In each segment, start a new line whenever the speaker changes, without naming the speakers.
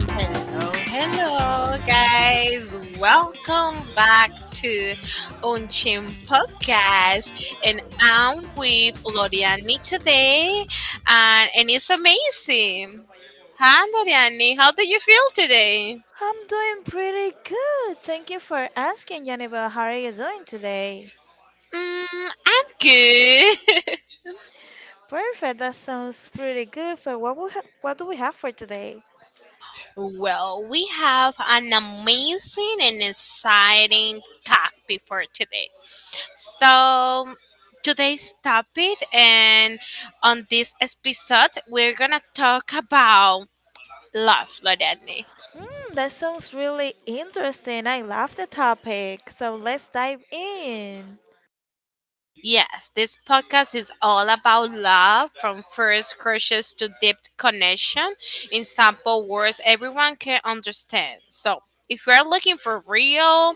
Hello, hello, guys. Welcome back to Unchim Podcast. And I'm with Loriani today, and it's amazing. Hi, Loriani. How do you feel today?
I'm doing pretty good. Thank you for asking, Yannibal. How are you doing today?
Mm, I'm good.
Perfect. That sounds pretty good. So, what do we have for today?
Well, we have an amazing and exciting topic for today. So, today's topic, and on this episode, we're gonna talk about love, Lorene.
Hmm, that sounds really interesting. I love the topic. So, let's dive in.
Yes, this podcast is all about love from first crushes to deep connection in simple words everyone can understand. So, if you're looking for real,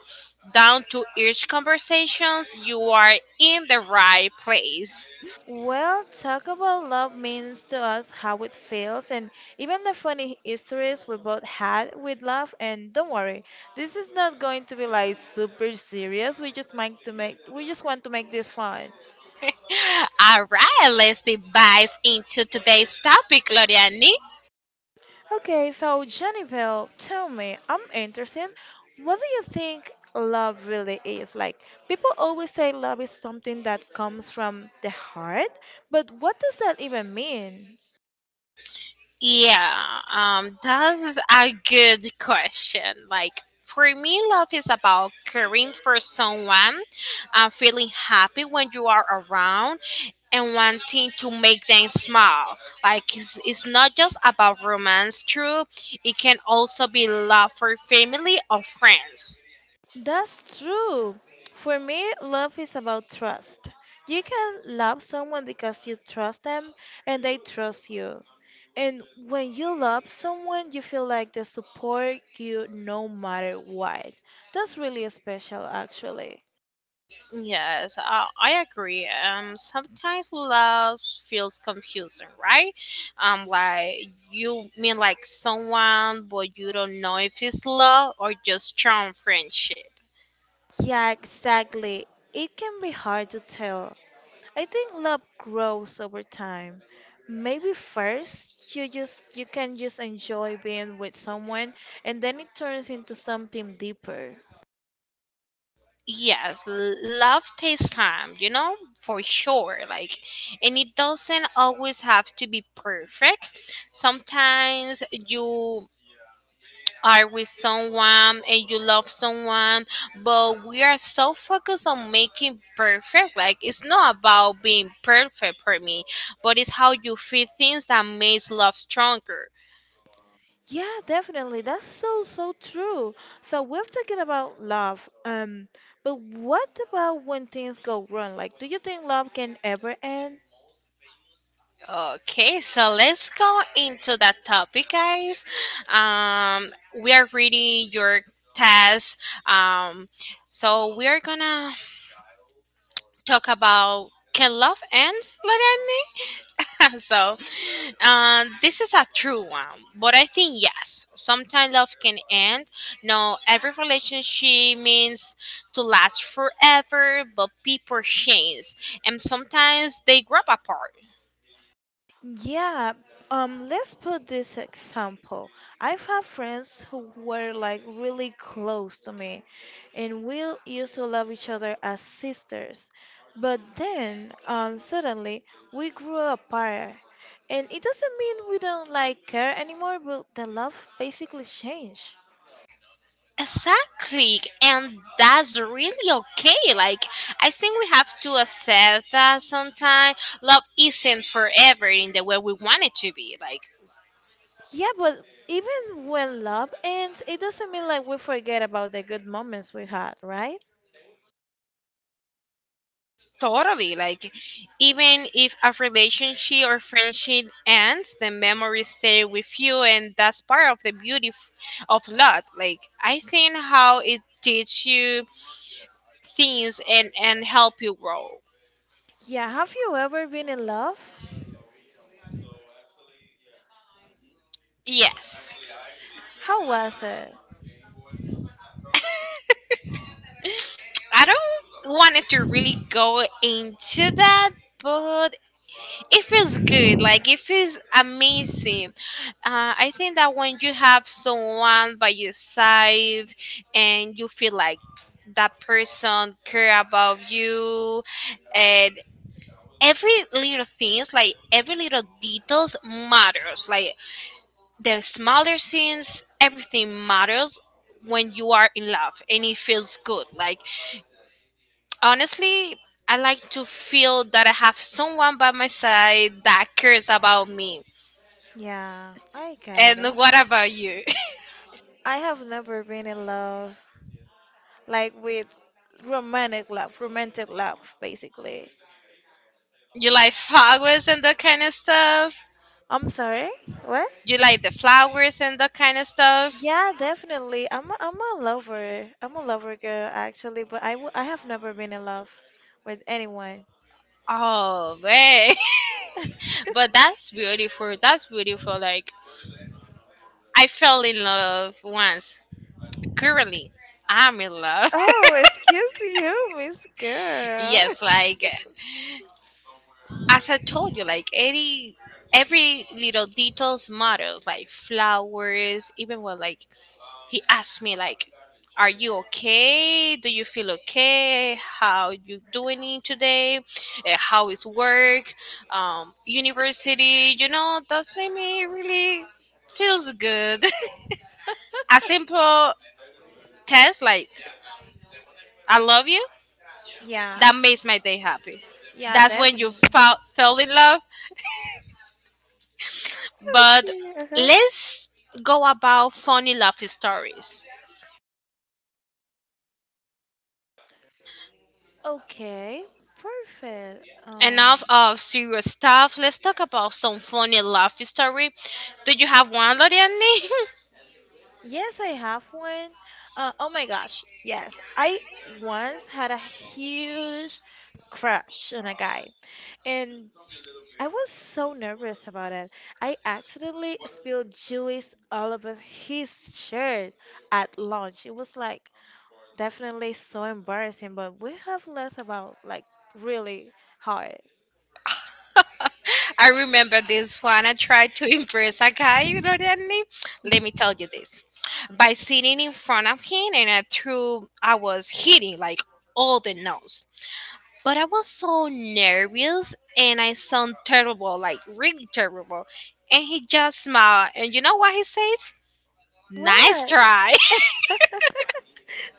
down to earth conversations, you are in the right place.
Well, talk about love means to us how it feels and even the funny histories we both had with love. And don't worry, this is not going to be like super serious. We just want to make this fun.
All right, let's dive into today's topic, Gloriani.
Okay, so Genevieve, tell me, I'm interested. What do you think love really is? Like, people always say love is something that comes from the heart, but what does that even mean?
Yeah, that's a good question. Like, for me, love is about caring for someone, feeling happy when you are around, and wanting to make them smile. Like, it's not just about romance, true, it can also be love for family or friends.
That's true. For me, love is about trust. You can love someone because you trust them and they trust you. And when you love someone, you feel like they support you no matter what. That's really special, actually.
Yes, I agree. Sometimes love feels confusing, right? Like you mean like someone, but you don't know if it's love or just charm friendship.
Yeah, exactly. It can be hard to tell. I think love grows over time. Maybe first you can just enjoy being with someone and then it turns into something deeper.
Yes, love takes time, you know, for sure. Like, and it doesn't always have to be perfect. Sometimes you are with someone and you love someone, but we are so focused on making perfect. Like it's not about being perfect for me, but it's how you feel things that makes love stronger.
Yeah, definitely. That's so true. So we are talking about love. But what about when things go wrong? Like, do you think love can ever end?
Okay, so let's go into that topic, guys. Um, we are reading your test. Um, so we are gonna talk about can love end, Lorene? So this is a true one, but I think yes, sometimes love can end. No every relationship means to last forever, but people change and sometimes they grow apart.
Yeah, let's put this example. I've had friends who were like really close to me, and we used to love each other as sisters. But then, suddenly we grew apart, and it doesn't mean we don't like care anymore, but the love basically changed.
Exactly, and that's really okay. Like, I think we have to accept that sometimes love isn't forever in the way we want it to be like.
Yeah, but even when love ends, it doesn't mean like we forget about the good moments we had, right?
Totally. Like, even if a relationship or friendship ends, the memories stay with you, and that's part of the beauty of love. Like, I think how it teaches you things and help you grow.
Yeah, have you ever been in love?
Yes,
How was it?
I don't wanted to really go into that, but it feels good, like it feels amazing. I think that when you have someone by your side and you feel like that person care about you, and every little things, like every little details matters. Like the smaller things, everything matters when you are in love, and it feels good. Like honestly, I like to feel that I have someone by my side that cares about me.
Yeah, I got it.
And what about you?
I have never been in love, like with romantic love, basically.
You like flowers and that kind of stuff?
I'm sorry, what?
You like the flowers and that kind of stuff?
Yeah, definitely. I'm a lover. I'm a lover girl, actually, but I have never been in love with anyone.
Oh, man. But that's beautiful. That's beautiful. Like, I fell in love once. Currently, I'm in love.
Oh, excuse you, Miss Girl.
Yes, like, as I told you, like, any. Every little details matters, like flowers, even when like he asked me like, are you okay, do you feel okay, how you doing it today? How is work, university, you know? That's made me really feels good. A simple test like I love you,
Yeah,
that makes my day happy.
yeah,
That's when you
definitely.
felt fell in love, but
Okay, uh-huh.
let's go about funny love stories.
Okay, perfect.
Enough of serious stuff. Let's talk about some funny love story. Do you have one, Loriani?
Yes, I have one. Oh my gosh, yes. I once had a huge crush on a guy, and I was so nervous about it. I accidentally spilled juice all over his shirt at lunch. It was like definitely so embarrassing, but we have less about like really hard.
I remember this one. I tried to impress a guy, Loriani. Let me tell you this. By sitting in front of him and I threw, I was hitting like all the nose. But I was so nervous and I sound terrible, like really terrible. And he just smiled. And you know what he says? Nice
What?
try.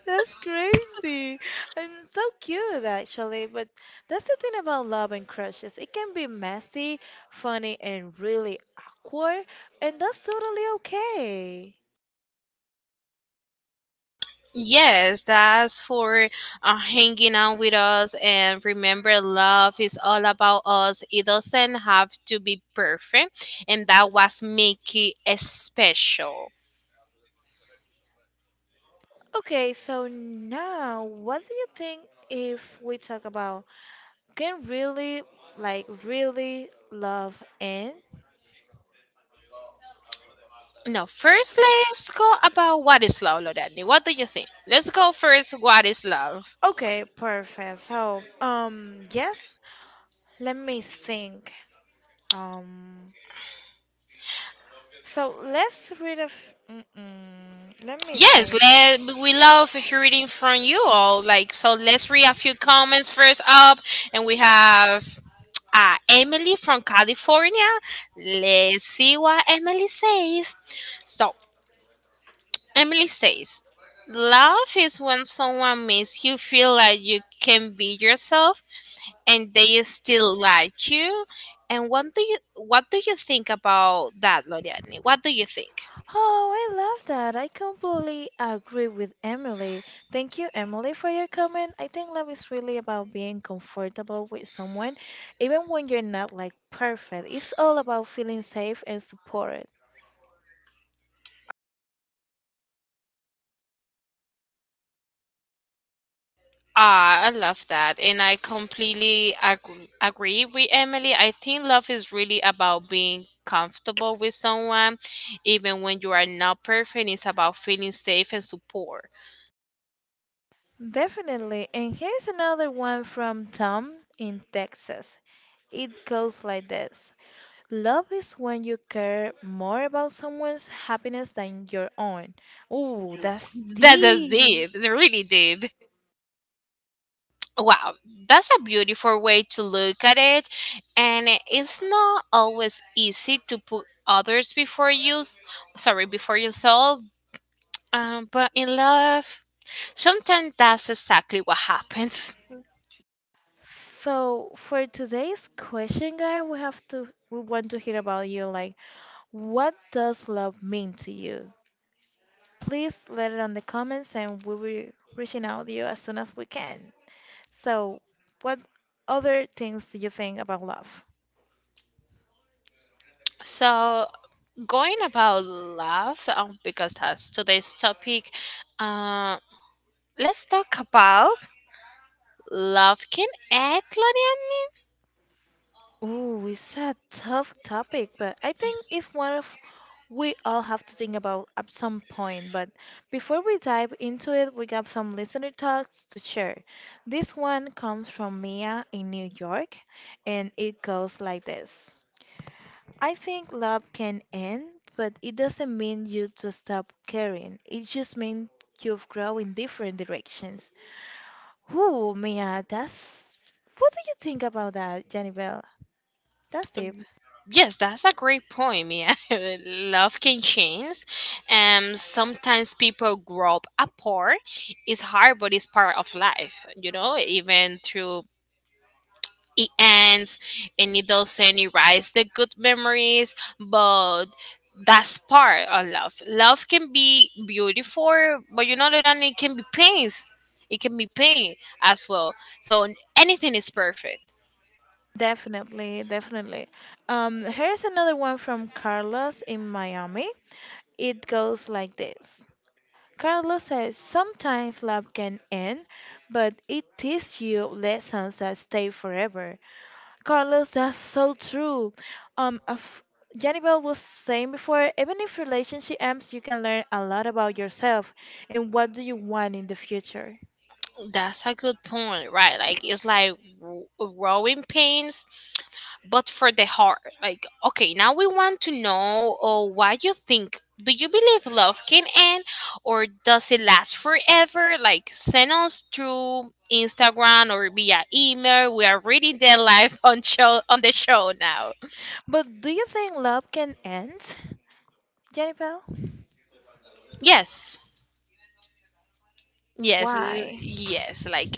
That's crazy. And so cute, actually. But that's the thing about love and crushes. It can be messy, funny, and really awkward, and that's totally okay.
Yes, that's for hanging out with us. And remember, love is all about us. It doesn't have to be perfect. And that was make it special.
Okay, so now, what do you think if we talk about can really, really love end?
Now, first, let's go about what is love, Lorani. What do you think? Let's go first. What is love?
Okay, perfect. So, yes, let me think. Um, so let's read a. F- Mm-mm. Let me
Yes,
think.
let, we love hearing from you all. Like, so let's read a few comments first up, and we have Emily from California. Let's see what Emily says. So, Emily says, love is when someone makes you feel like you can be yourself and they still like you. And what do you think about that, Loriani? What do you think?
Oh, I love that. I completely agree with Emily. Thank you, Emily, for your comment. I think love is really about being comfortable with someone, even when you're not like perfect. It's all about feeling safe and supported.
Ah, I love that. And I completely agree with Emily. I think love is really about being comfortable with someone, even when you are not perfect. It's about feeling safe and support.
Definitely. And here's another one from Tom in Texas. It goes like this. Love is when you care more about someone's happiness than your own. Ooh, that's
That's
deep.
deep. Really deep. Wow, that's a beautiful way to look at it. And it's not always easy to put others before you, sorry, before yourself. But in love, sometimes that's exactly what happens.
So for today's question, guy, we want to hear about you. Like, what does love mean to you? Please let it on the comments, and we will reaching out to you as soon as we can. So, what other things do you think about love?
So, going about love, because that's today's topic, uh, let's talk about love can add, Claudia.
Oh, it's a tough topic, but I think it's one of we all have to think about at some point. But before we dive into it, we got some listener talks to share. This one comes from Mia in New York, and it goes like this. I think love can end, but it doesn't mean you to stop caring. It just means you've grown in different directions. Ooh, Mia, that's what do you think about that, Janibel? That's deep.
Yes, that's a great point, Mia. Love can change. Sometimes people grow up apart. It's hard, but it's part of life, you know, even through it ends, and it doesn't erase the good memories. But that's part of love. Love can be beautiful, but you know that, and it can be pain. It can be pain as well. So anything is perfect.
Definitely, definitely. Here's another one from Carlos in Miami. It goes like this. Carlos says, sometimes love can end, but it teaches you lessons that stay forever. Carlos, that's so true. Um, of- Janibel was saying before, even if relationship ends, you can learn a lot about yourself and what do you want in the future.
That's a good point, right? Like it's like growing pains, but for the heart. Like, okay, now we want to know, oh, what you think, do you believe love can end or does it last forever? Like send us through Instagram or via email. We are reading them live on show, on the show now.
But do you think love can end, Janibel?
Yes, yes,
Why?
yes, like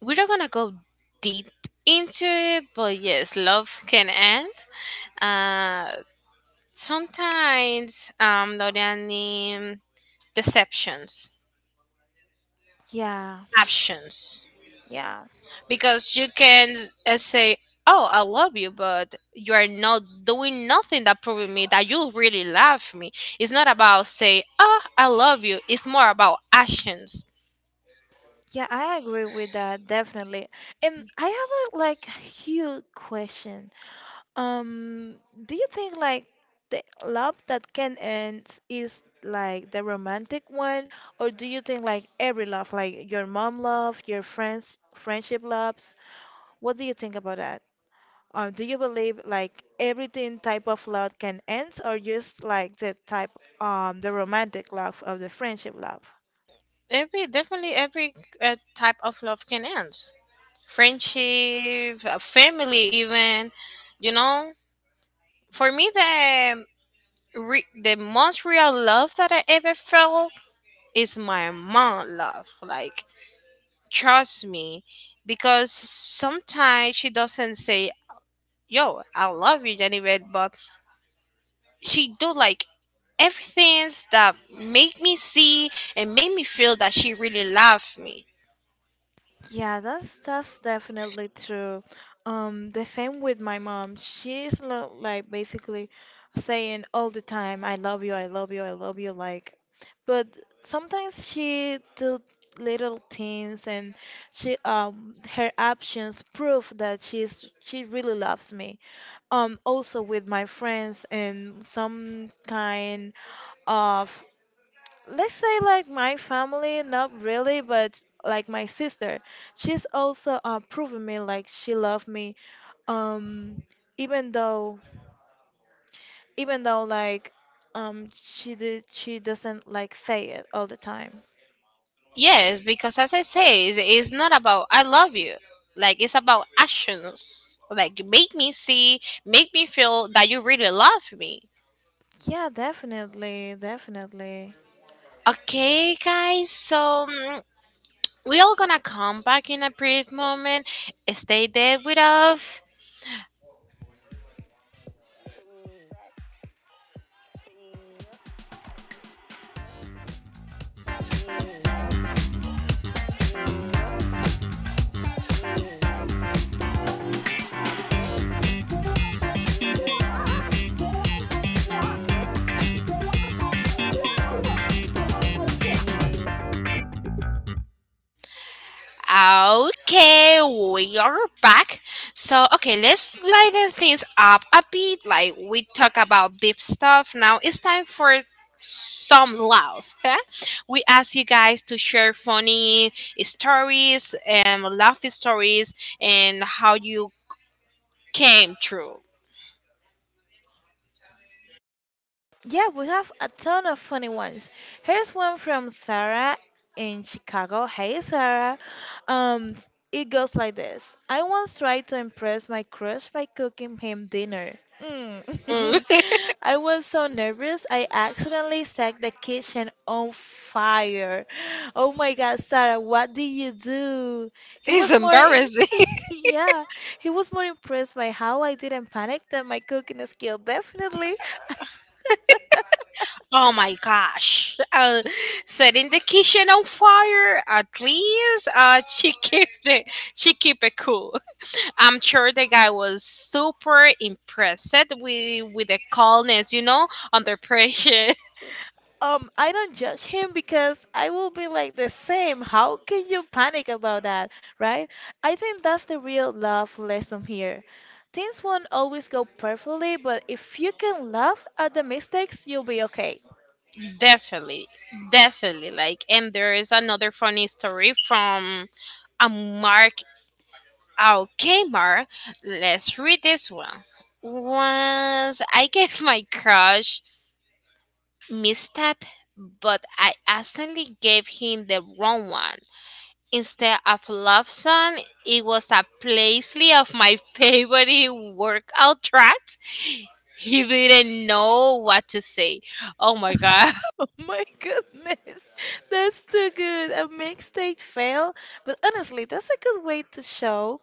we're not gonna go deep into it, but yes, love can end. uh Sometimes, Dorian, deceptions,
Yeah,
options.
yeah.
Because you can say oh I love you, but you are not doing nothing that proving me that you really love me. It's not about say oh I love you, it's more about actions.
Yeah, I agree with that, definitely. And I have a like huge question. Um, do you think like the love that can end is like the romantic one, or do you think like every love, like your mom love, your friends friendship loves? What do you think about that? Do you believe like everything type of love can end, or just like the type the romantic love of the friendship love?
Every, definitely every type of love can end. Friendship, family, even, you know. For me, the the most real love that I ever felt is my mom love. Like trust me, because sometimes she doesn't say yo I love you Jennifer, but she do like everything that make me see and make me feel that she really love me.
Yeah, that's definitely true. The same with my mom. She's lo like basically saying all the time, "I love you, I love you, I love you." Like, but sometimes she do little things, and she her actions prove that she really loves me. Also with my friends and some kind of let's say like my family, not really, but like my sister, she's also proven me like she loved me. Um, even though, even though like, she doesn't like say it all the time.
Yes, because as I say, it's not about I love you. Like it's about actions, like make me see, make me feel that you really love me.
Yeah, definitely, definitely.
Okay guys, so we all gonna come back in a brief moment. Stay there with us. Okay, we are back. So, okay, let's lighten things up a bit. Like we talk about deep stuff. Now it's time for some love. Huh? We ask you guys to share funny stories and laughing stories and how you came through.
Yeah, we have a ton of funny ones. Here's one from Sarah in Chicago. Hey, Sarah. Um, it goes like this. I once tried to impress my crush by cooking him dinner.
Mm.
Mm. I was so nervous, I accidentally set the kitchen on fire. Oh my God, Sarah, what did you do? He
It's
was more in
embarrassing.
yeah, he was more impressed by how I didn't panic than my cooking skill, definitely.
Oh my gosh. Setting the kitchen on fire. At least she keep it cool. I'm sure the guy was super impressed with the calmness, you know, under pressure.
I don't judge him because I will be like the same. How can you panic about that, right? I think that's the real love lesson here. Things won't always go perfectly, but if you can laugh at the mistakes, you'll be okay.
Definitely, definitely. Like, and there is another funny story from a Mark our Kmart. Let's read this one. Once I gave my crush misstep, but I accidentally gave him the wrong one. Instead of love song, it was a playlist of my favorite workout tracks. He didn't know what to say. Oh my god.
Oh my goodness, that's too good. A mistake fail, but honestly, that's a good way to show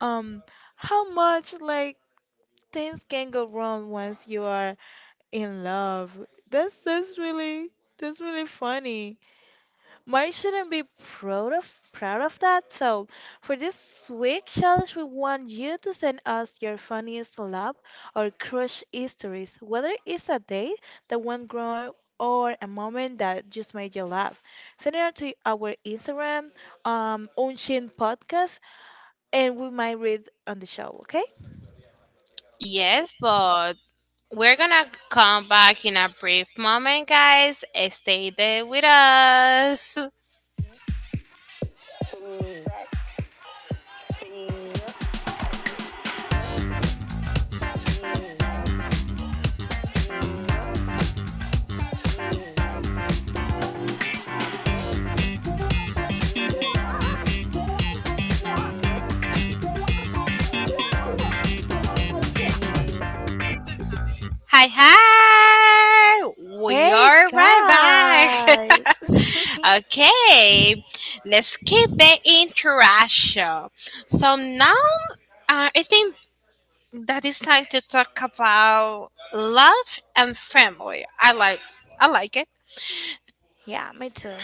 um how much like things can go wrong once you are in love. That's really that's really funny. Mine shouldn't be proud of that. So for this week's challenge, we want you to send us your funniest love or crush stories, whether it's a date that went wrong or a moment that just made you laugh. Send it to our Instagram, Unshin Podcast, and we might read on the show. Okay?
Yes, but we're gonna come back in a brief moment, guys. Stay there with us. Hi, hi! We
Hey
are right back.
guys!
Okay, let's keep the interaction. So now, I think that it's time to talk about love and family. I like it.
Yeah, me too.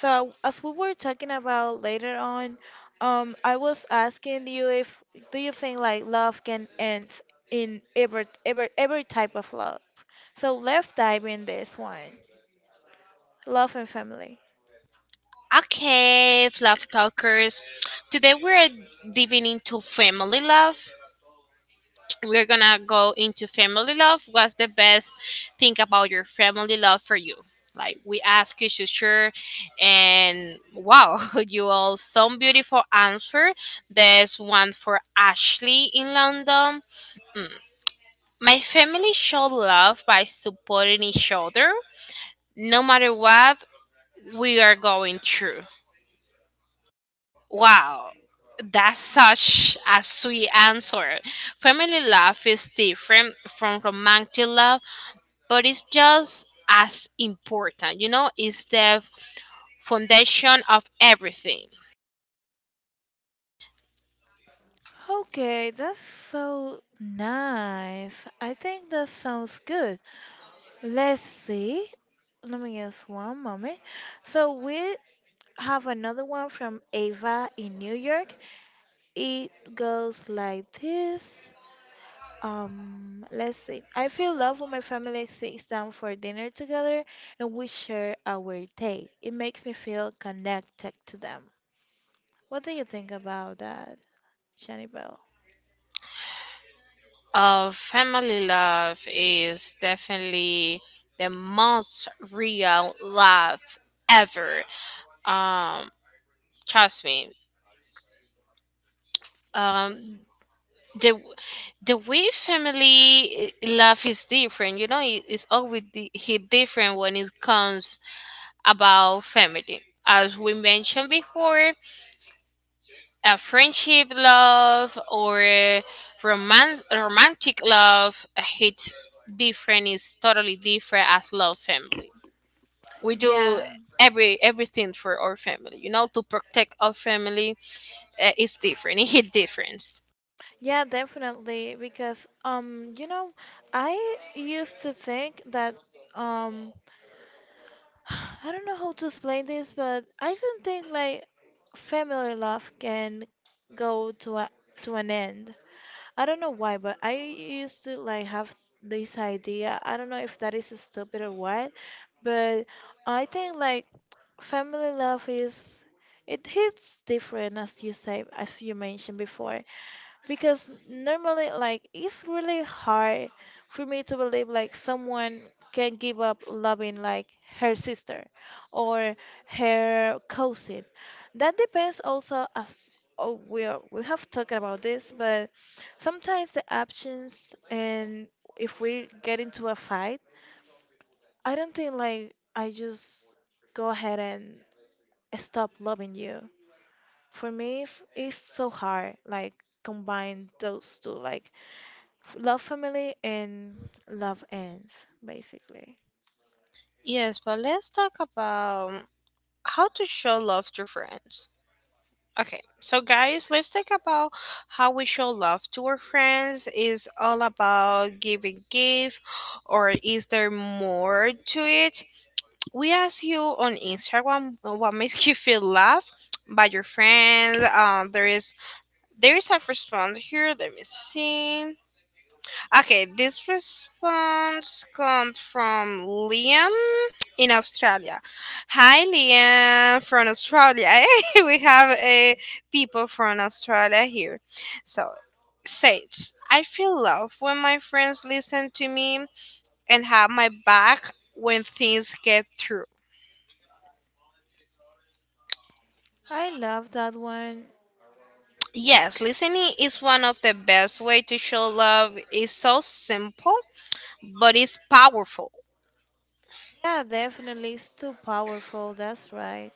So, as we were talking about later on, I was asking you if do you think like love can end in every type of love? So let's dive in this one. Love and family.
Okay, love talkers. Today we're diving into family love. We're gonna go into family love. What's the best thing about your family love for you? Like we ask you to share, and wow, you all some beautiful answer. There's one for Ashley in London. My family showed love by supporting each other no matter what we are going through. Wow, that's such a sweet answer. Family love is different from romantic love, but it's just as important. You know, it's the foundation of everything.
Okay, that's so nice. I think that sounds good. Let's see. Let me guess one moment. So we have another one from Ava in New York. It goes like this. Let's see. I feel love when my family sits down for dinner together and we share our day. It makes me feel connected to them. What do you think about that, Jenny Bell?
Family love is definitely the most real love ever. Um, Trust me. Um, the the way family love is different, you know, it's always di- he different when it comes about family, as we mentioned before. A friendship love or romance romantic love hits different, is totally different as love family. We do
Yeah.
everything for our family, you know, to protect our family. Is different. It hit difference.
Yeah, definitely. Because you know, I used to think that um, I don't know how to explain this, but I don't think like family love can go to a to an end. I don't know why, but I used to like have this idea. I don't know if that is stupid or what, but I think like family love is it hits different as you say, as you mentioned before because normally like it's really hard for me to believe like someone can give up loving like her sister or her cousin that depends also as oh we have talked about this but sometimes the options and if we get into a fight, I don't think like I just go ahead and stop loving you. For me, it's so hard like combine those two like love family and love ends, basically.
Yes, but let's talk about how to show love to friends. Okay, so guys, let's talk about how we show love to our friends. Is all about giving gift, or is there more to it? We asked you on Instagram, "Well, what makes you feel loved by your friends?" There is a response here, let me see. Okay, this response comes from Liam in Australia. Hi, Liam from Australia. We have people from Australia here. So, Sage, I feel love when my friends listen to me and have my back when things get through.
I love that one.
Yes, listening is one of the best way to show love. It's so simple, but it's powerful.
Yeah, definitely. It's too powerful. That's right.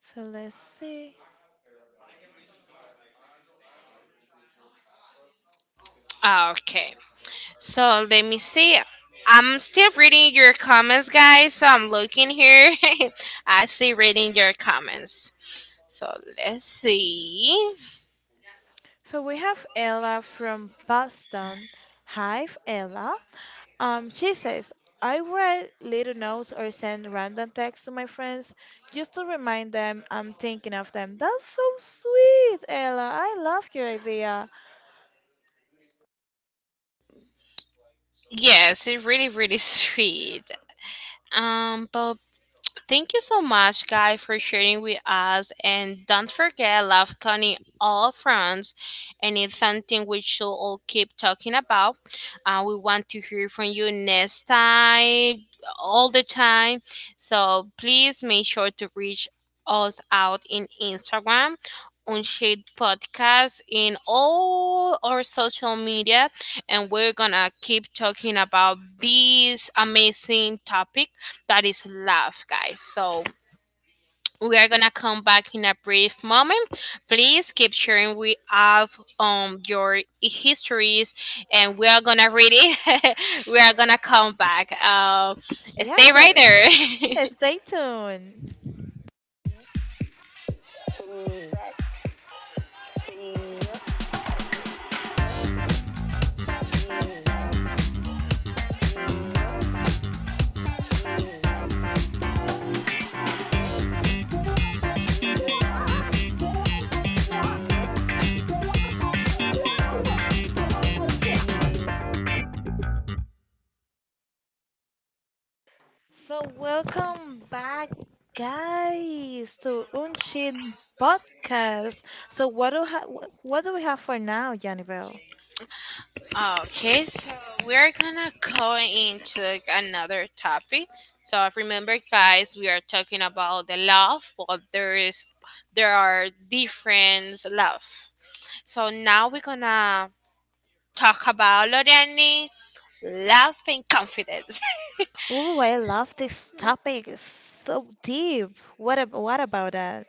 So let's see.
Okay. So let me see. I'm still reading your comments, guys. So I'm looking here. I still reading your comments. So let's see.
So we have Ella from Boston. Hi, Ella. She says, I write little notes or send random texts to my friends just to remind them I'm thinking of them. That's so sweet, Ella. I love your idea.
Yes, it's really, really sweet. Blah Thank you so much, Guy, for sharing with us. And don't forget, love Connie all fronts, and it's something we should all keep talking about. We want to hear from you next time, all the time. So please make sure to reach us out in Instagram, Unshade Podcast, in all our social media, and we're gonna keep talking about these amazing topics that is love, guys. So we are gonna come back in a brief moment. Please keep sharing with us your histories, and we are gonna read it. We are gonna come back. Uh,
Yeah,
stay right there.
though. Stay tuned. So, welcome back, guys, to Unshin Podcast. So, what do we have for now, Janibel?
Okay, so we're gonna go into another topic. So remember, guys, we are talking about the love, but there are different love. So now we're gonna talk about learning, love, and confidence.
Oh, I love this topic. It's so deep. What about that?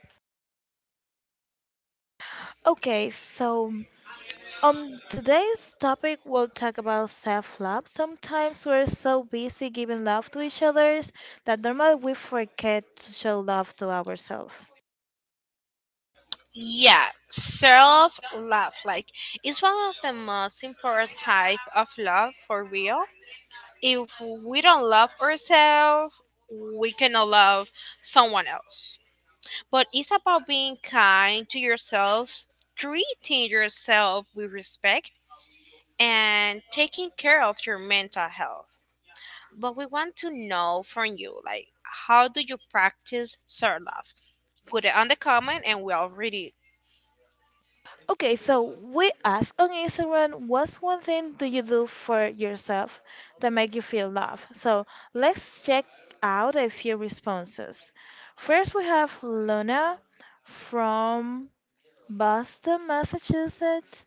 Okay, so today's topic we'll talk about self-love. Sometimes we're so busy giving love to each others that normally we forget to show love to ourselves.
Yeah, self love, like it's one of the most important type of love for real. If we don't love ourselves, we cannot love someone else. But it's about being kind to yourself, treating yourself with respect, and taking care of your mental health. But we want to know from you, like, how do you practice self love? Put it on the comment and we'll read it.
Okay, so we asked on Instagram, what's one thing do you do for yourself that make you feel love? So let's check out a few responses. First, we have Luna from Boston, Massachusetts,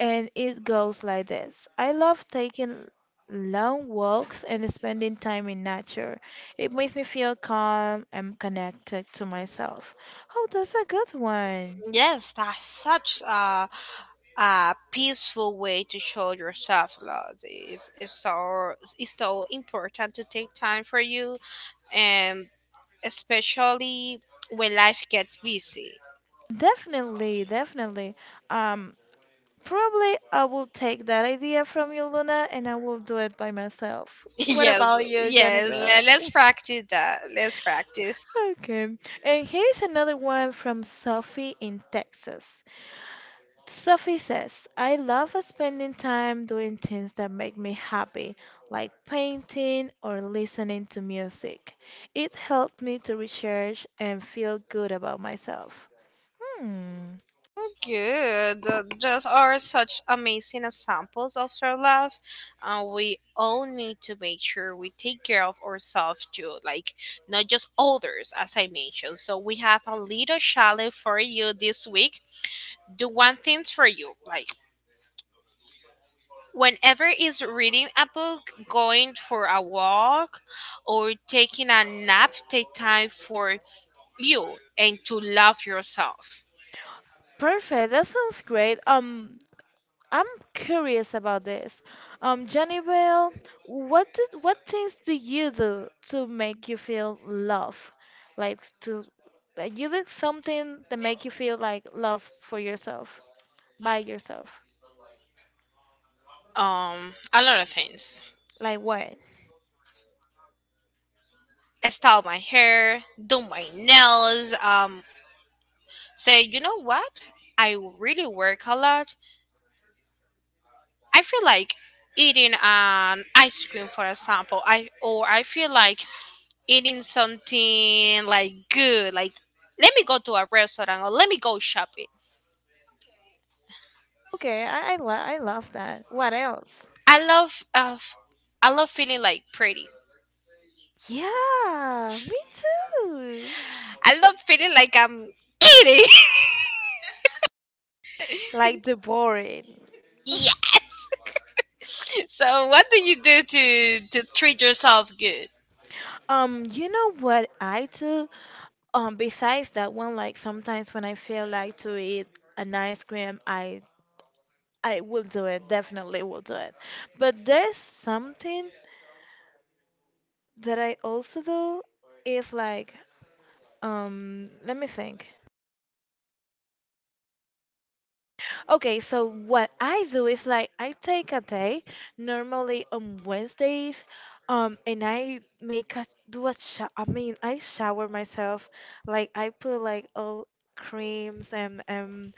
and it goes like this. I love taking long walks and spending time in nature. It makes me feel calm and connected to myself. Oh, that's a good one.
Yes, that's such a peaceful way to show your self love. It's so important to take time for you, and especially when life gets busy.
Definitely, definitely. Um, Probably I will take that idea from you, Luna, and I will do it by myself. What
Yes,
about you,
yes,
Janibel?
let's practice that. Let's practice.
Okay. And here's another one from Sophie in Texas. Sophie says, I love spending time doing things that make me happy, like painting or listening to music. It helped me to recharge and feel good about myself. Hmm.
Good. Those are such amazing examples of self love. We all need to make sure we take care of ourselves too, like not just others, as I mentioned. So, we have a little challenge for you this week. Do one thing for you, like whenever is reading a book, going for a walk, or taking a nap, take time for you and to love yourself.
Perfect. That sounds great. I'm curious about this. Jennifer, what things do you do to make you feel love? Like to like you did something that make you feel like love for yourself, by yourself.
A lot of things.
Like what?
Style my hair, do my nails, say, you know what? I really work a lot. I feel like eating an ice cream, for example, I, or I feel like eating something like good, like let me go to a restaurant or let me go shopping.
Okay, I love that. What else?
I love, uh, I love feeling like pretty.
Yeah, me too.
I love feeling like I'm eating.
Like the boring.
Yes. So what do you do to treat yourself good?
You know what I do? Besides that one, like sometimes when I feel like to eat an ice cream, I will do it, definitely will do it. But there's something that I also do is like let me think. Okay, so what I do is like I take a day normally on Wednesdays and I make a do a sho- I mean I shower myself like I put like all creams and um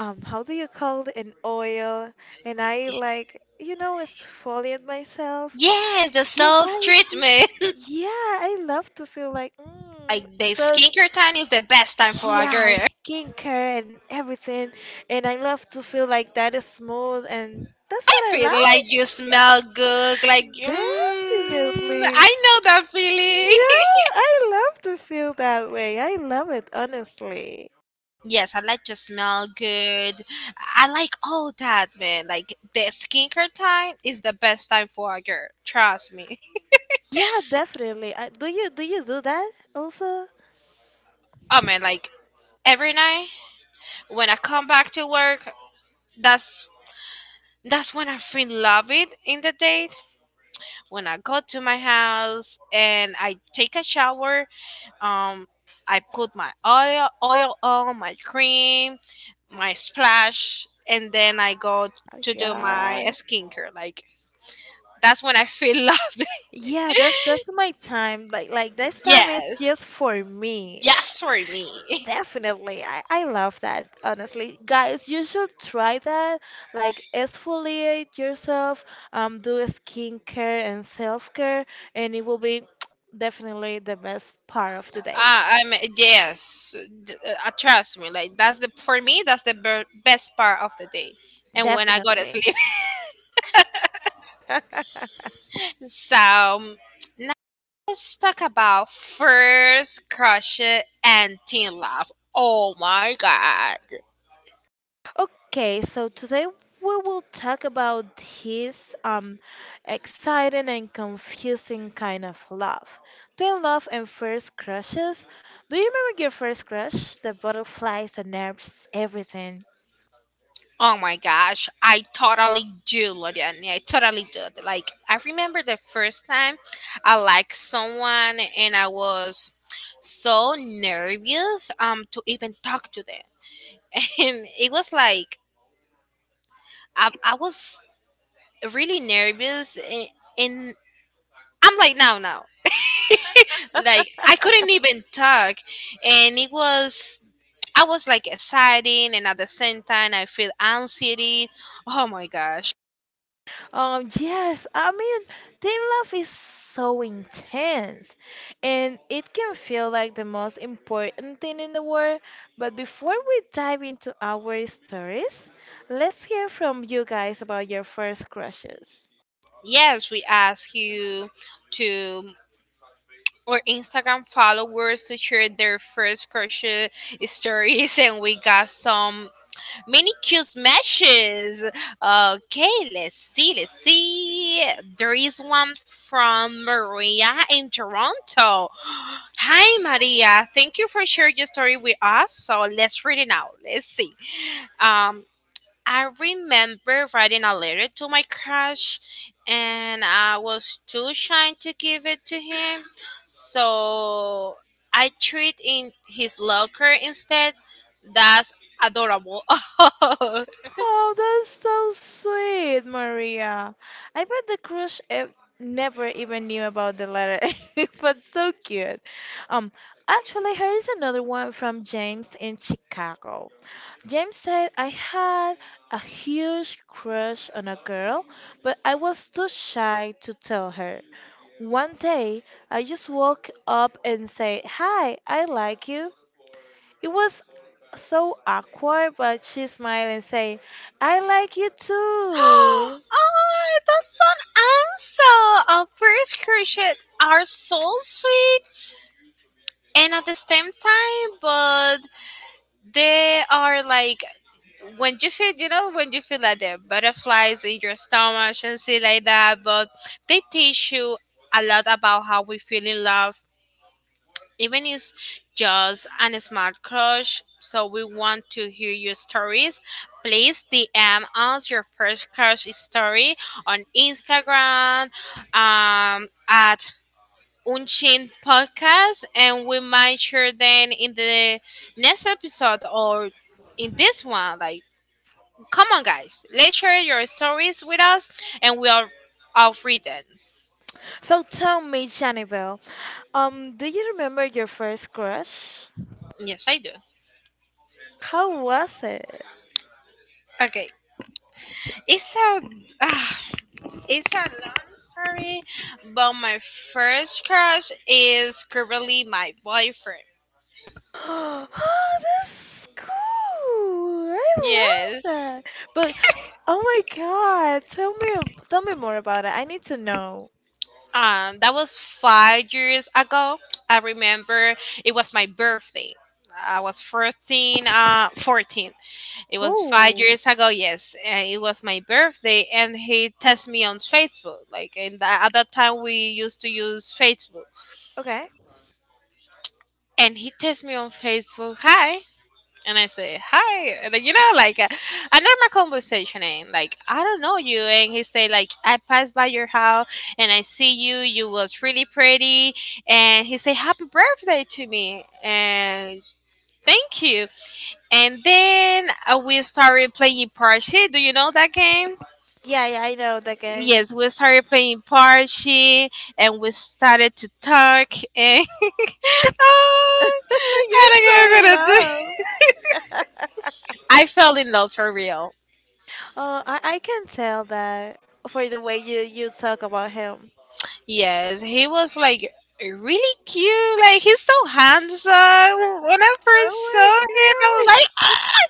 um how do you call it, an oil, and I like, you know, exfoliate myself.
Yes, the
Yes, I
self
would.
treatment.
Yeah, I love to feel like,
Like the
So it's,
skincare time is the best time for a
yeah,
girl.
skincare and everything. And I love to feel like that is smooth, and that's
I
what I
feel like you
like.
smell good. Like, mm,
Definitely.
I know that feeling.
Yeah, I love to feel that way. I love it, honestly.
Yes, I like to smell good. I like all that, man. Like the skincare time is the best time for a girl. Trust me.
Yeah, definitely. I, do you do that also?
Oh man, like every night when I come back to work, that's that's when I feel love it in the date. When I go to my house and I take a shower, um, I put my oil on, my cream, my splash, and then I go
Oh,
to do
yeah.
my skincare. Like that's when I feel love.
Yeah, that's my time. Like this time is
Yes,
just for me.
yes for me.
Definitely. I love that, honestly. Guys, you should try that. Like exfoliate yourself, do skincare and self-care, and it will be definitely the best part of
Uh,
the day.
I'm yes. d- Trust me, like that's the for me best part of the day, and when I go to
Definitely.
sleep. So let's talk about first crush it and teen love. Oh my god.
Okay, so today we will talk about his exciting and confusing kind of love. The love and first crushes. Do you remember your first crush? The butterflies, the nerves, everything.
Oh my gosh. I totally do, Loriani. I totally do. Like I remember the first time I liked someone and I was so nervous to even talk to them. And it was like I was really nervous and I'm like no, no, like I couldn't even talk, and it was, I was like exciting, and at the same time, I feel anxiety. Oh my gosh.
Yes, I mean, teen love is so intense and it can feel like the most important thing in the world. But before we dive into our stories, let's hear from you guys about your first crushes.
Yes, we ask you to or Instagram followers to share their first crochet stories, and we got some mini cute matches. Okay, let's see, let's see. There is one from Maria in Toronto. Hi, Maria. Thank you for sharing your story with us. So let's read it now. Let's see. Um, I remember writing a letter to my crush, and I was too shy to give it to him, so I threw it in his locker instead. That's adorable. Oh,
Oh, that's so sweet, Maria. I bet the crush ev never even knew about the letter, but so cute. Um, Actually, here is another one from James in Chicago. James said, I had a huge crush on a girl, but I was too shy to tell her. One day, I just woke up and said, Hi, I like you. It was so awkward, but she smiled and say, "I like you too."
that's an answer. Our first crushes are so sweet and at the same time, but they are like when you feel, you know, when you feel like the butterflies in your stomach and see like that, but they teach you a lot about how we feel in love, even it's just an smart crush. So we want to hear your stories. Please DM us your first crush story on Instagram, um, at Unchained Podcast, and we might share then in the next episode or in this one. Like, come on, guys, let's share your stories with us, and we are all read them.
So tell me, Janibel, do you remember your first crush?
Yes, I do.
How was it?
Okay, it's a ah, it's a long story, but my first crush is currently my boyfriend.
Oh, that's cool! I love
Yes.
that. But oh my God, tell me, tell me more about it. I need to know.
That was 5 years ago. I remember it was my birthday. I was 14. It was five
Oh,
years ago, yes. And it was my birthday, and he texted me on Facebook. Like, and at that time, we used to use Facebook.
okay.
And he texted me on Facebook, hi, and I say hi, and then, you know, like a normal conversation. And like I don't know you, and he say like I passed by your house and I see you. You was really pretty, and he say happy birthday to me, and thank you. And then we started playing Parchi. Do you know that game?
Yeah, yeah, I know the game.
Yes, we started playing Parchi, and we started to talk, and oh,
You're so
I don't know
in
what to do.
love.
I fell in love for real.
Oh, I can tell that for the way you talk about him.
Yes, he was like really cute. Like he's so handsome. When I first saw
Oh
him, I was
my
like, "Ah!"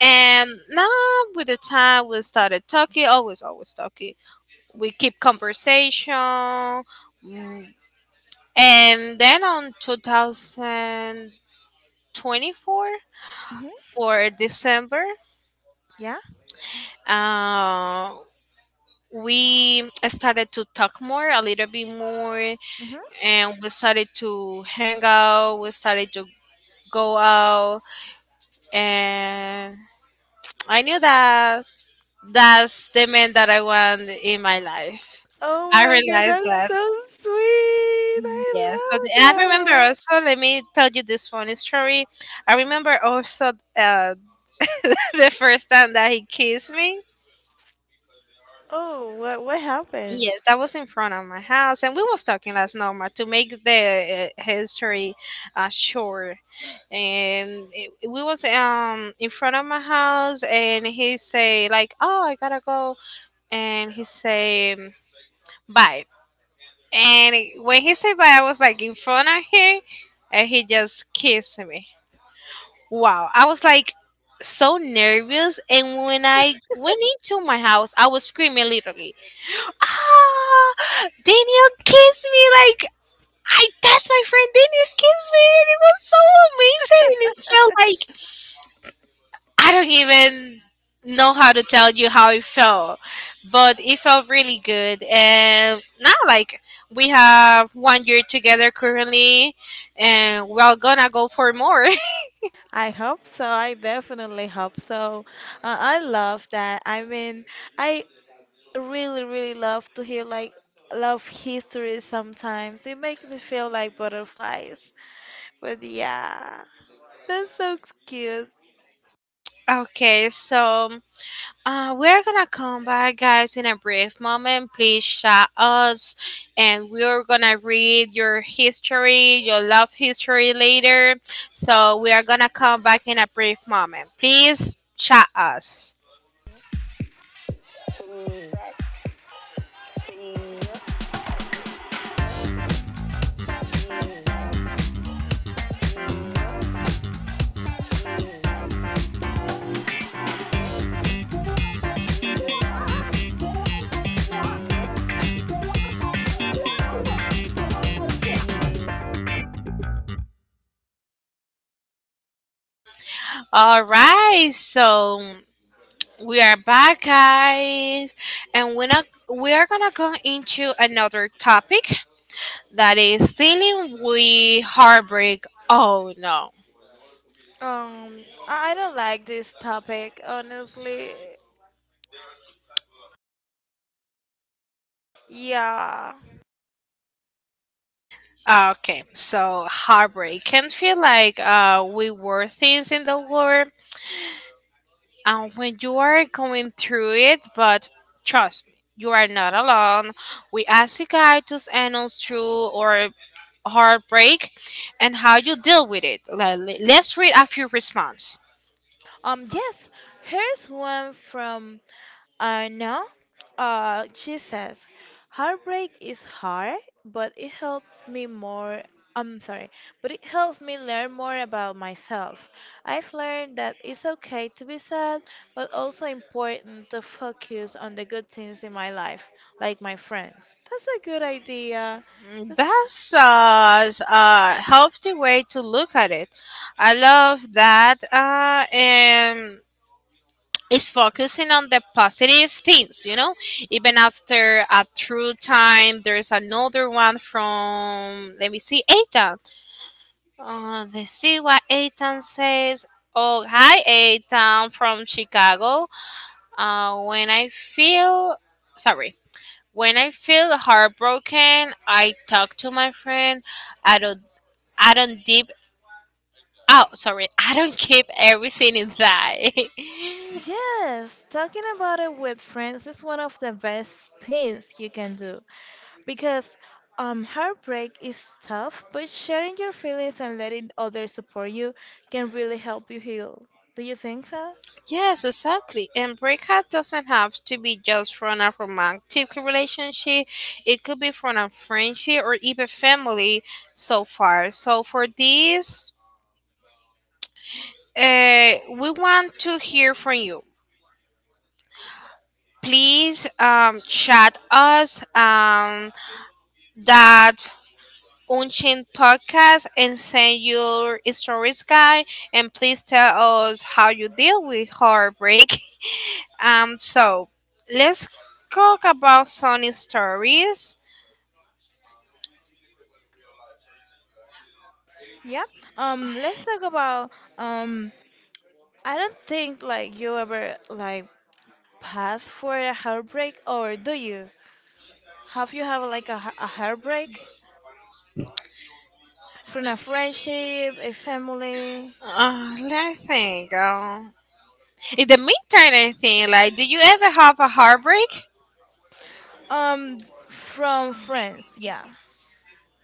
And now with the time we started talking, always, always talking. We keep conversation, mm, and then on 2024
god. Hmm.
for December,
Yeah.
uh, we started to talk more, a little bit more,
Hmm.
and we started to hang out, we started to go out, and I knew that that's the man that I want in my life.
Oh
I
my god,
realized
that's
that.
so sweet.
Yes, but
I
I remember
love that.
also. Let me tell you this funny story. I remember also the first time that he kissed me.
Oh, what happened?
Yes, that was in front of my house, and we was talking last night to make the history short. We was in front of my house, and he say like, "Oh, I gotta go," and he said bye. And when he said bye, I was like in front of him, and he just kissed me. Wow, I was like so nervous, and when I went into my house, I was screaming literally. Ah, Daniel kissed me like. I touched my friend Daniel kissed me, and it was so amazing, and it felt like I don't even know how to tell you how it felt, but it felt really good. And now, like, we have 1 year together currently, and we're gonna go for more.
I hope so. I definitely hope so. I love that. I mean, I really, really love to hear like love history sometimes. It makes me feel like butterflies. But yeah, that's so cute.
Okay, so. We're gonna come back, guys, in a brief moment. Please chat us, and we're gonna read your history, your love history later. So, we are gonna come back in a brief moment. Please chat us. All right, so we are back, guys, and we're not, we are gonna go into another topic that is dealing with heartbreak. Oh no.
Um, I don't like this topic, honestly. Yeah.
Okay, so heartbreak can feel like we were things in the world, and when you are going through it, but trust me, you are not alone. We ask you guys to send us through or heartbreak and how you deal with it. Like, let's read a few response.
Yes, here's one from Arna. She says, heartbreak is hard, but it helped me more. I'm sorry, but it helped me learn more about myself. I've learned that it's okay to be sad, but also important to focus on the good things in my life, like my friends. That's a good idea.
Mm, that's a healthy way to look at it. I love that. And it's focusing on the positive things, you know. Even after a through time, there's another one from, let me see, Ethan. Let's see what Ethan says. Oh, hi, Ethan from Chicago. When I feel sorry, when I feel heartbroken, I talk to my friend. I don't. I don't deep. Oh, sorry. I don't keep everything inside.
Yes, talking about it with friends is one of the best things you can do because heartbreak is tough, but sharing your feelings and letting others support you can really help you heal. Do you think so?
Yes, exactly. And breakup doesn't have to be just from a romantic relationship. It could be from a friendship or even family. So for this, we want to hear from you, please, chat us. That Unchained podcast and send your stories guide and please tell us how you deal with heartbreak. So let's talk about some stories.
Yeah. Let's talk about um, I don't think like you ever like pass for a heartbreak, or do you? Have you have like a, a heartbreak from a friendship, a family?
Let me think. In the meantime, I think, like, do you ever have a heartbreak?
Um, from France, yeah.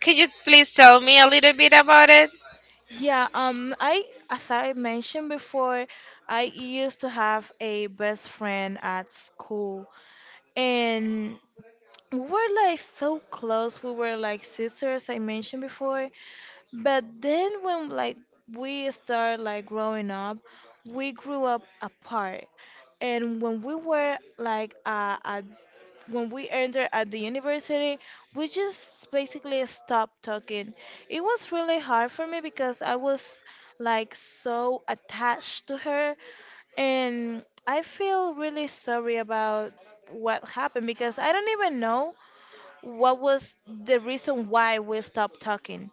Can you please tell me a little bit about it?
Yeah, I, as I mentioned before, I used to have a best friend at school, and we were like so close. We were like sisters, I mentioned before. But then when like we started like growing up, we grew up apart. And when we were like at when we entered at the university, we just basically stopped talking. It was really hard for me because I was like so attached to her, and I feel really sorry about what happened because I don't even know what was the reason why we stopped talking.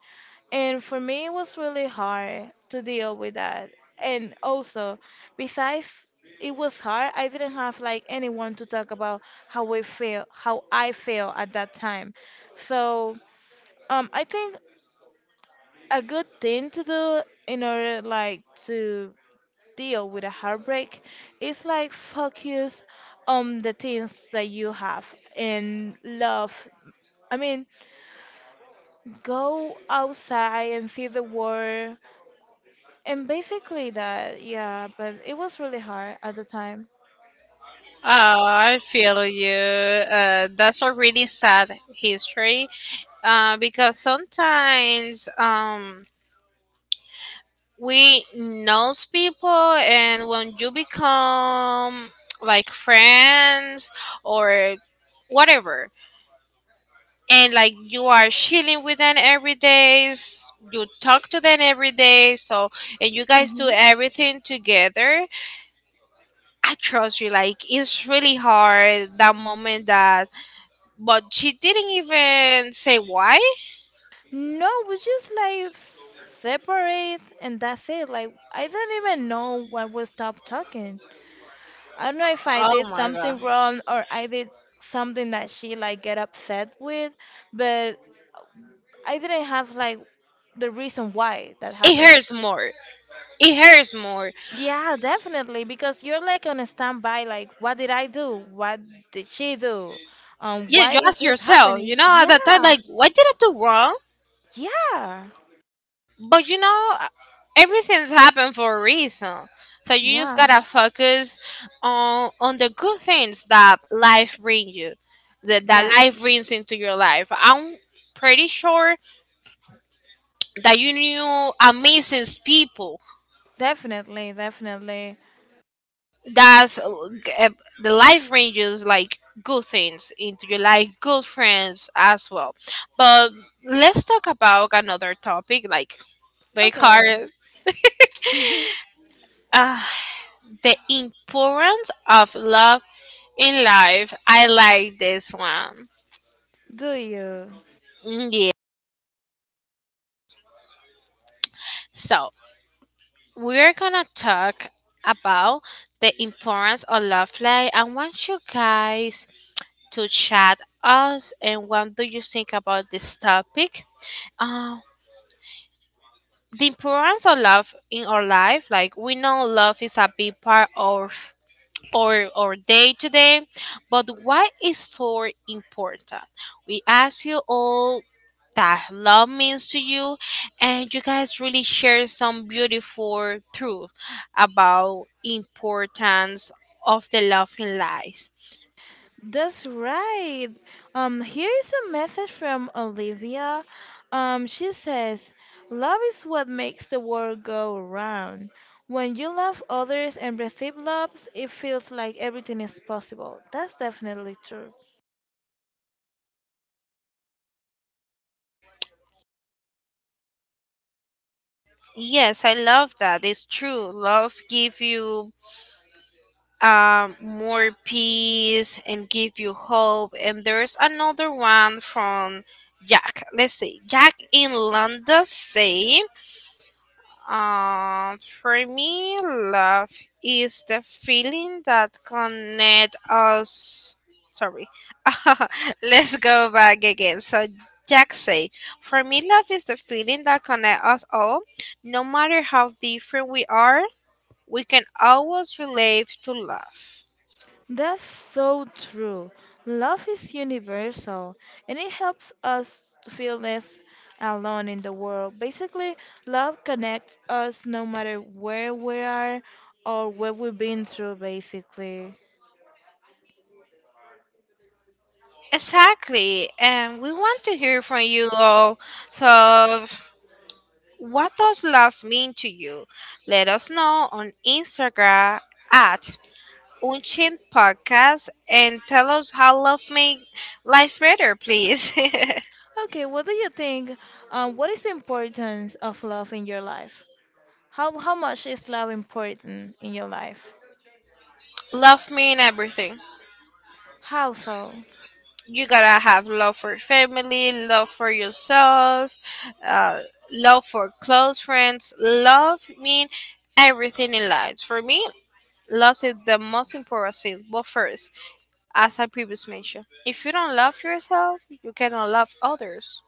And for
Oh, I feel you. That's a really sad history. Because sometimes, we knows people, and when you become like friends or whatever, and like you are chilling with them every day, you talk to them every day, so and you guys do everything together. I trust you, like it's really hard, that moment, that but she didn't even say why. Oh my god, it hurts more, it hurts more. Yeah, you ask yourself, you know, at that time, like, what did I do wrong? But you know, everything's happened for a reason. So you just gotta focus on the good things that life brings you, that life brings into your life. I'm pretty sure that you knew amazing people. That's g- uh, the life ranges like good things into your life, good friends as well. But let's talk about another topic, like, because uh, the importance of love in life. I like this one. Mm, yeah. So we're gonna talk about the importance of love life. I want you guys to chat us and what do you think about this topic? Um, the importance of love in our life. Like, we know love is a big part of or day to day. But why is so important? We ask you all that love means to you, and you guys really share some beautiful truth about importance of the love in life. Yes, I love that. It's true. Love give you more peace and give you hope. And there's another one from Jack. Let's see. Jack in London say, for me, love is the feeling that connect us. Sorry, let's go back again. So Jack say, for me, love is the feeling that connect us all. No matter how different we are, we can always relate to love. Exactly, and we want to hear from you all. So, what does love mean to you? Let us know on Instagram at Unchin podcast and tell us how love make life better, please. Love mean everything. You gotta have love for family, love for yourself, uh, love for close friends. Love mean everything in life. For me, love is the most important thing. But first, as I previously mentioned, if you don't love yourself, you cannot love others.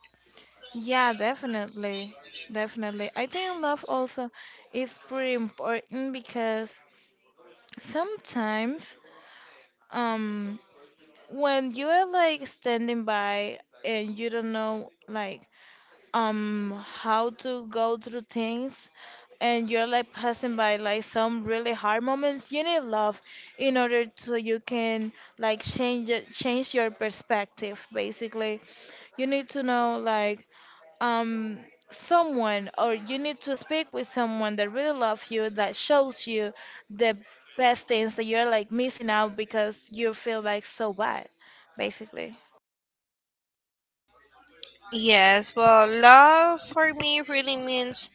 Yes, well, love for me really means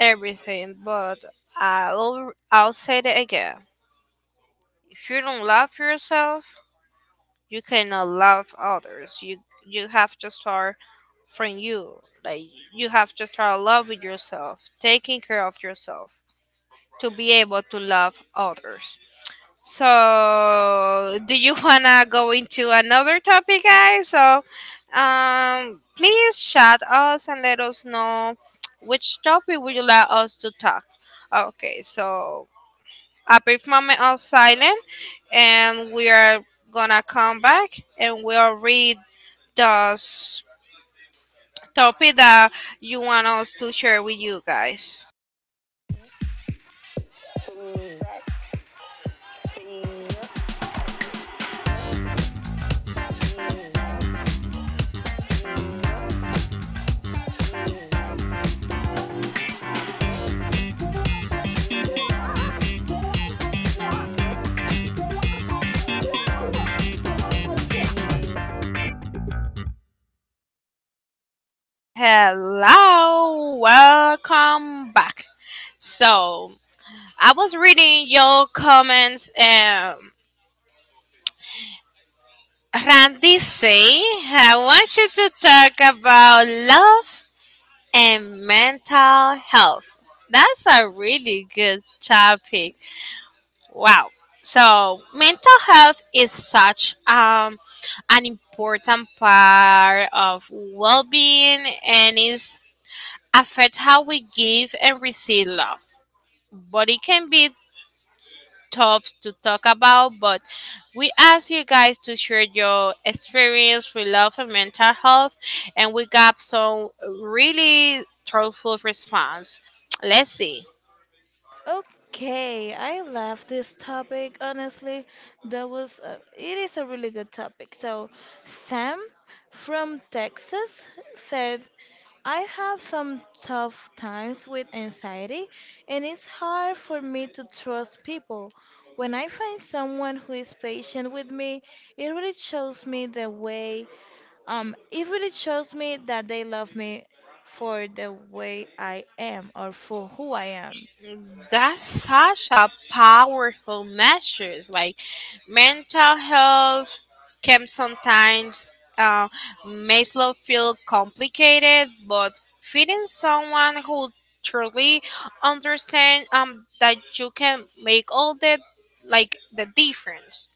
everything, but I'll say that again. If you don't love yourself, you cannot love others. You have to start from you. Like, you have to start loving yourself, taking care of yourself, to be able to love others. So, do you wanna go into another topic, guys? So, please chat us and let us know which topic would you like us to talk. Okay, so a brief moment of silence and we are gonna come back and we'll read the topic that you want us to share with you guys. Hello, welcome back. So I was reading your comments and Randy say, I want you to talk about love and mental health. That's a really good topic. Wow. So mental health is such an important part of well-being and is affect how we give and receive love. But it can be tough to talk about, but we ask you guys to share your experience with love and mental health, and we got some really thoughtful response. Let's see. That's such a powerful measures. Like, mental health can sometimes uh, make love feel complicated, but finding someone who truly understand that you can make all the, like, the difference.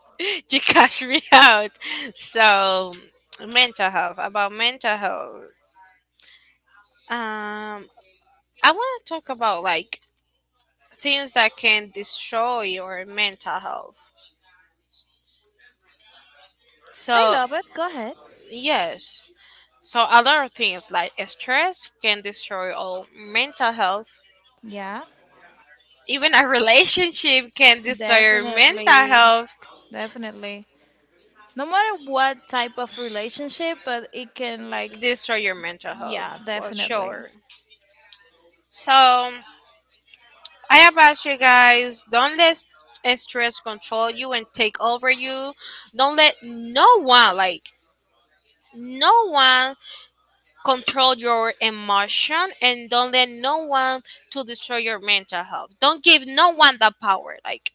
You catch me out. So mental health, about mental health. Um, I want to talk about, like, things that can destroy your mental health. So, yes. So, a lot of things like stress can destroy all mental health. Even a relationship can destroy your mental health. Destroy your mental health for sure. So, I have asked you guys, don't let stress control you and take over you. Don't let no one, like, no one control your emotion, and don't let no one to destroy your mental health. Don't give no one the power, like,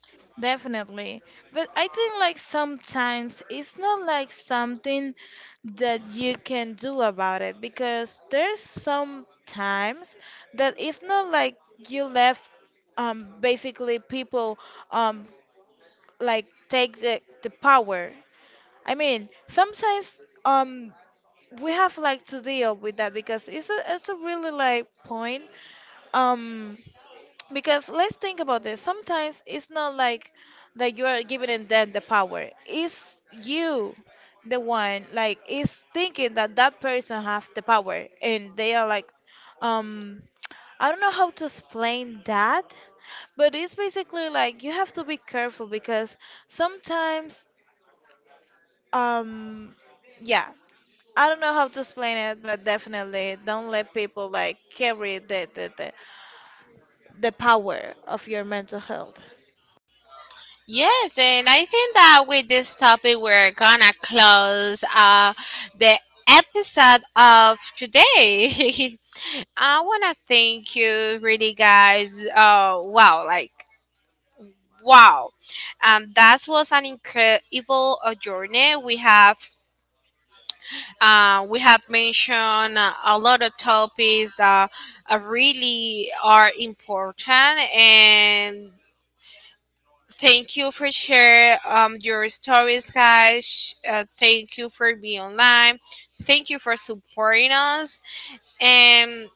yes. And I think that with this topic, we're gonna close the episode of today. I want to thank you really, guys. Wow, like, wow. That was an incredible journey we have. We have mentioned a lot of topics that really are important. And thank you for sharing your stories, guys. Thank you for being online, thank you for supporting us. And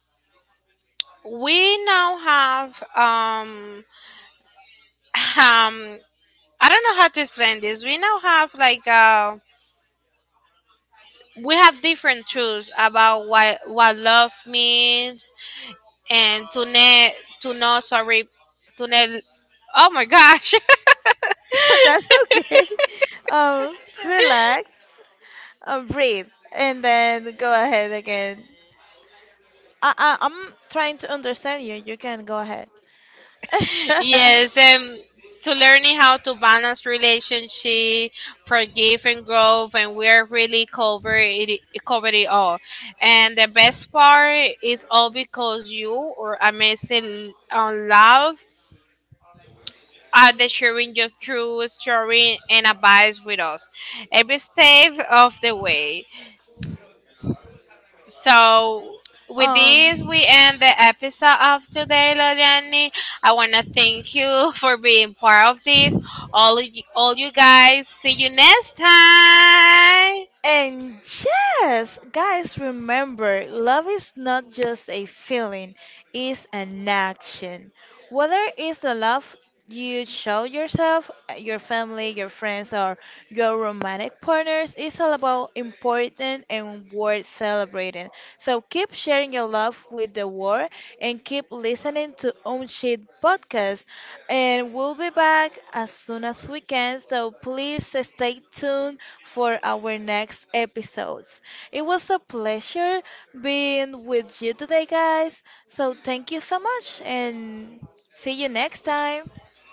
we now have um I don't know how to explain this. We now have like we have different truths about what love means. And Tune, Tuno, sorry, Tunel, oh my gosh, yes, to learning how to balance relationship, forgive and growth, and we're really cover it, covered it all. And the best part is all because you or amazing on love are the sharing just through story and advice with us every step of the way. So with this, we end the episode of today, Loriani. I wanna thank you for being part of this. All you guys. See you next time.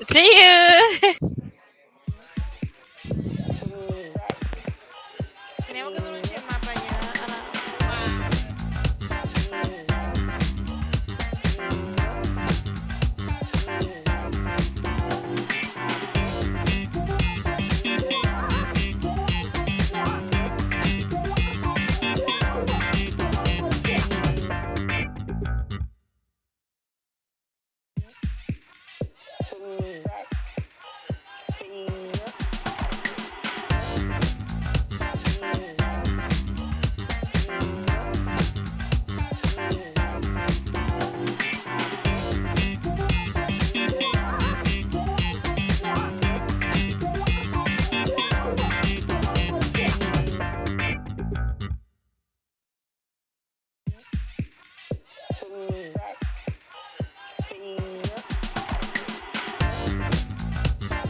See you.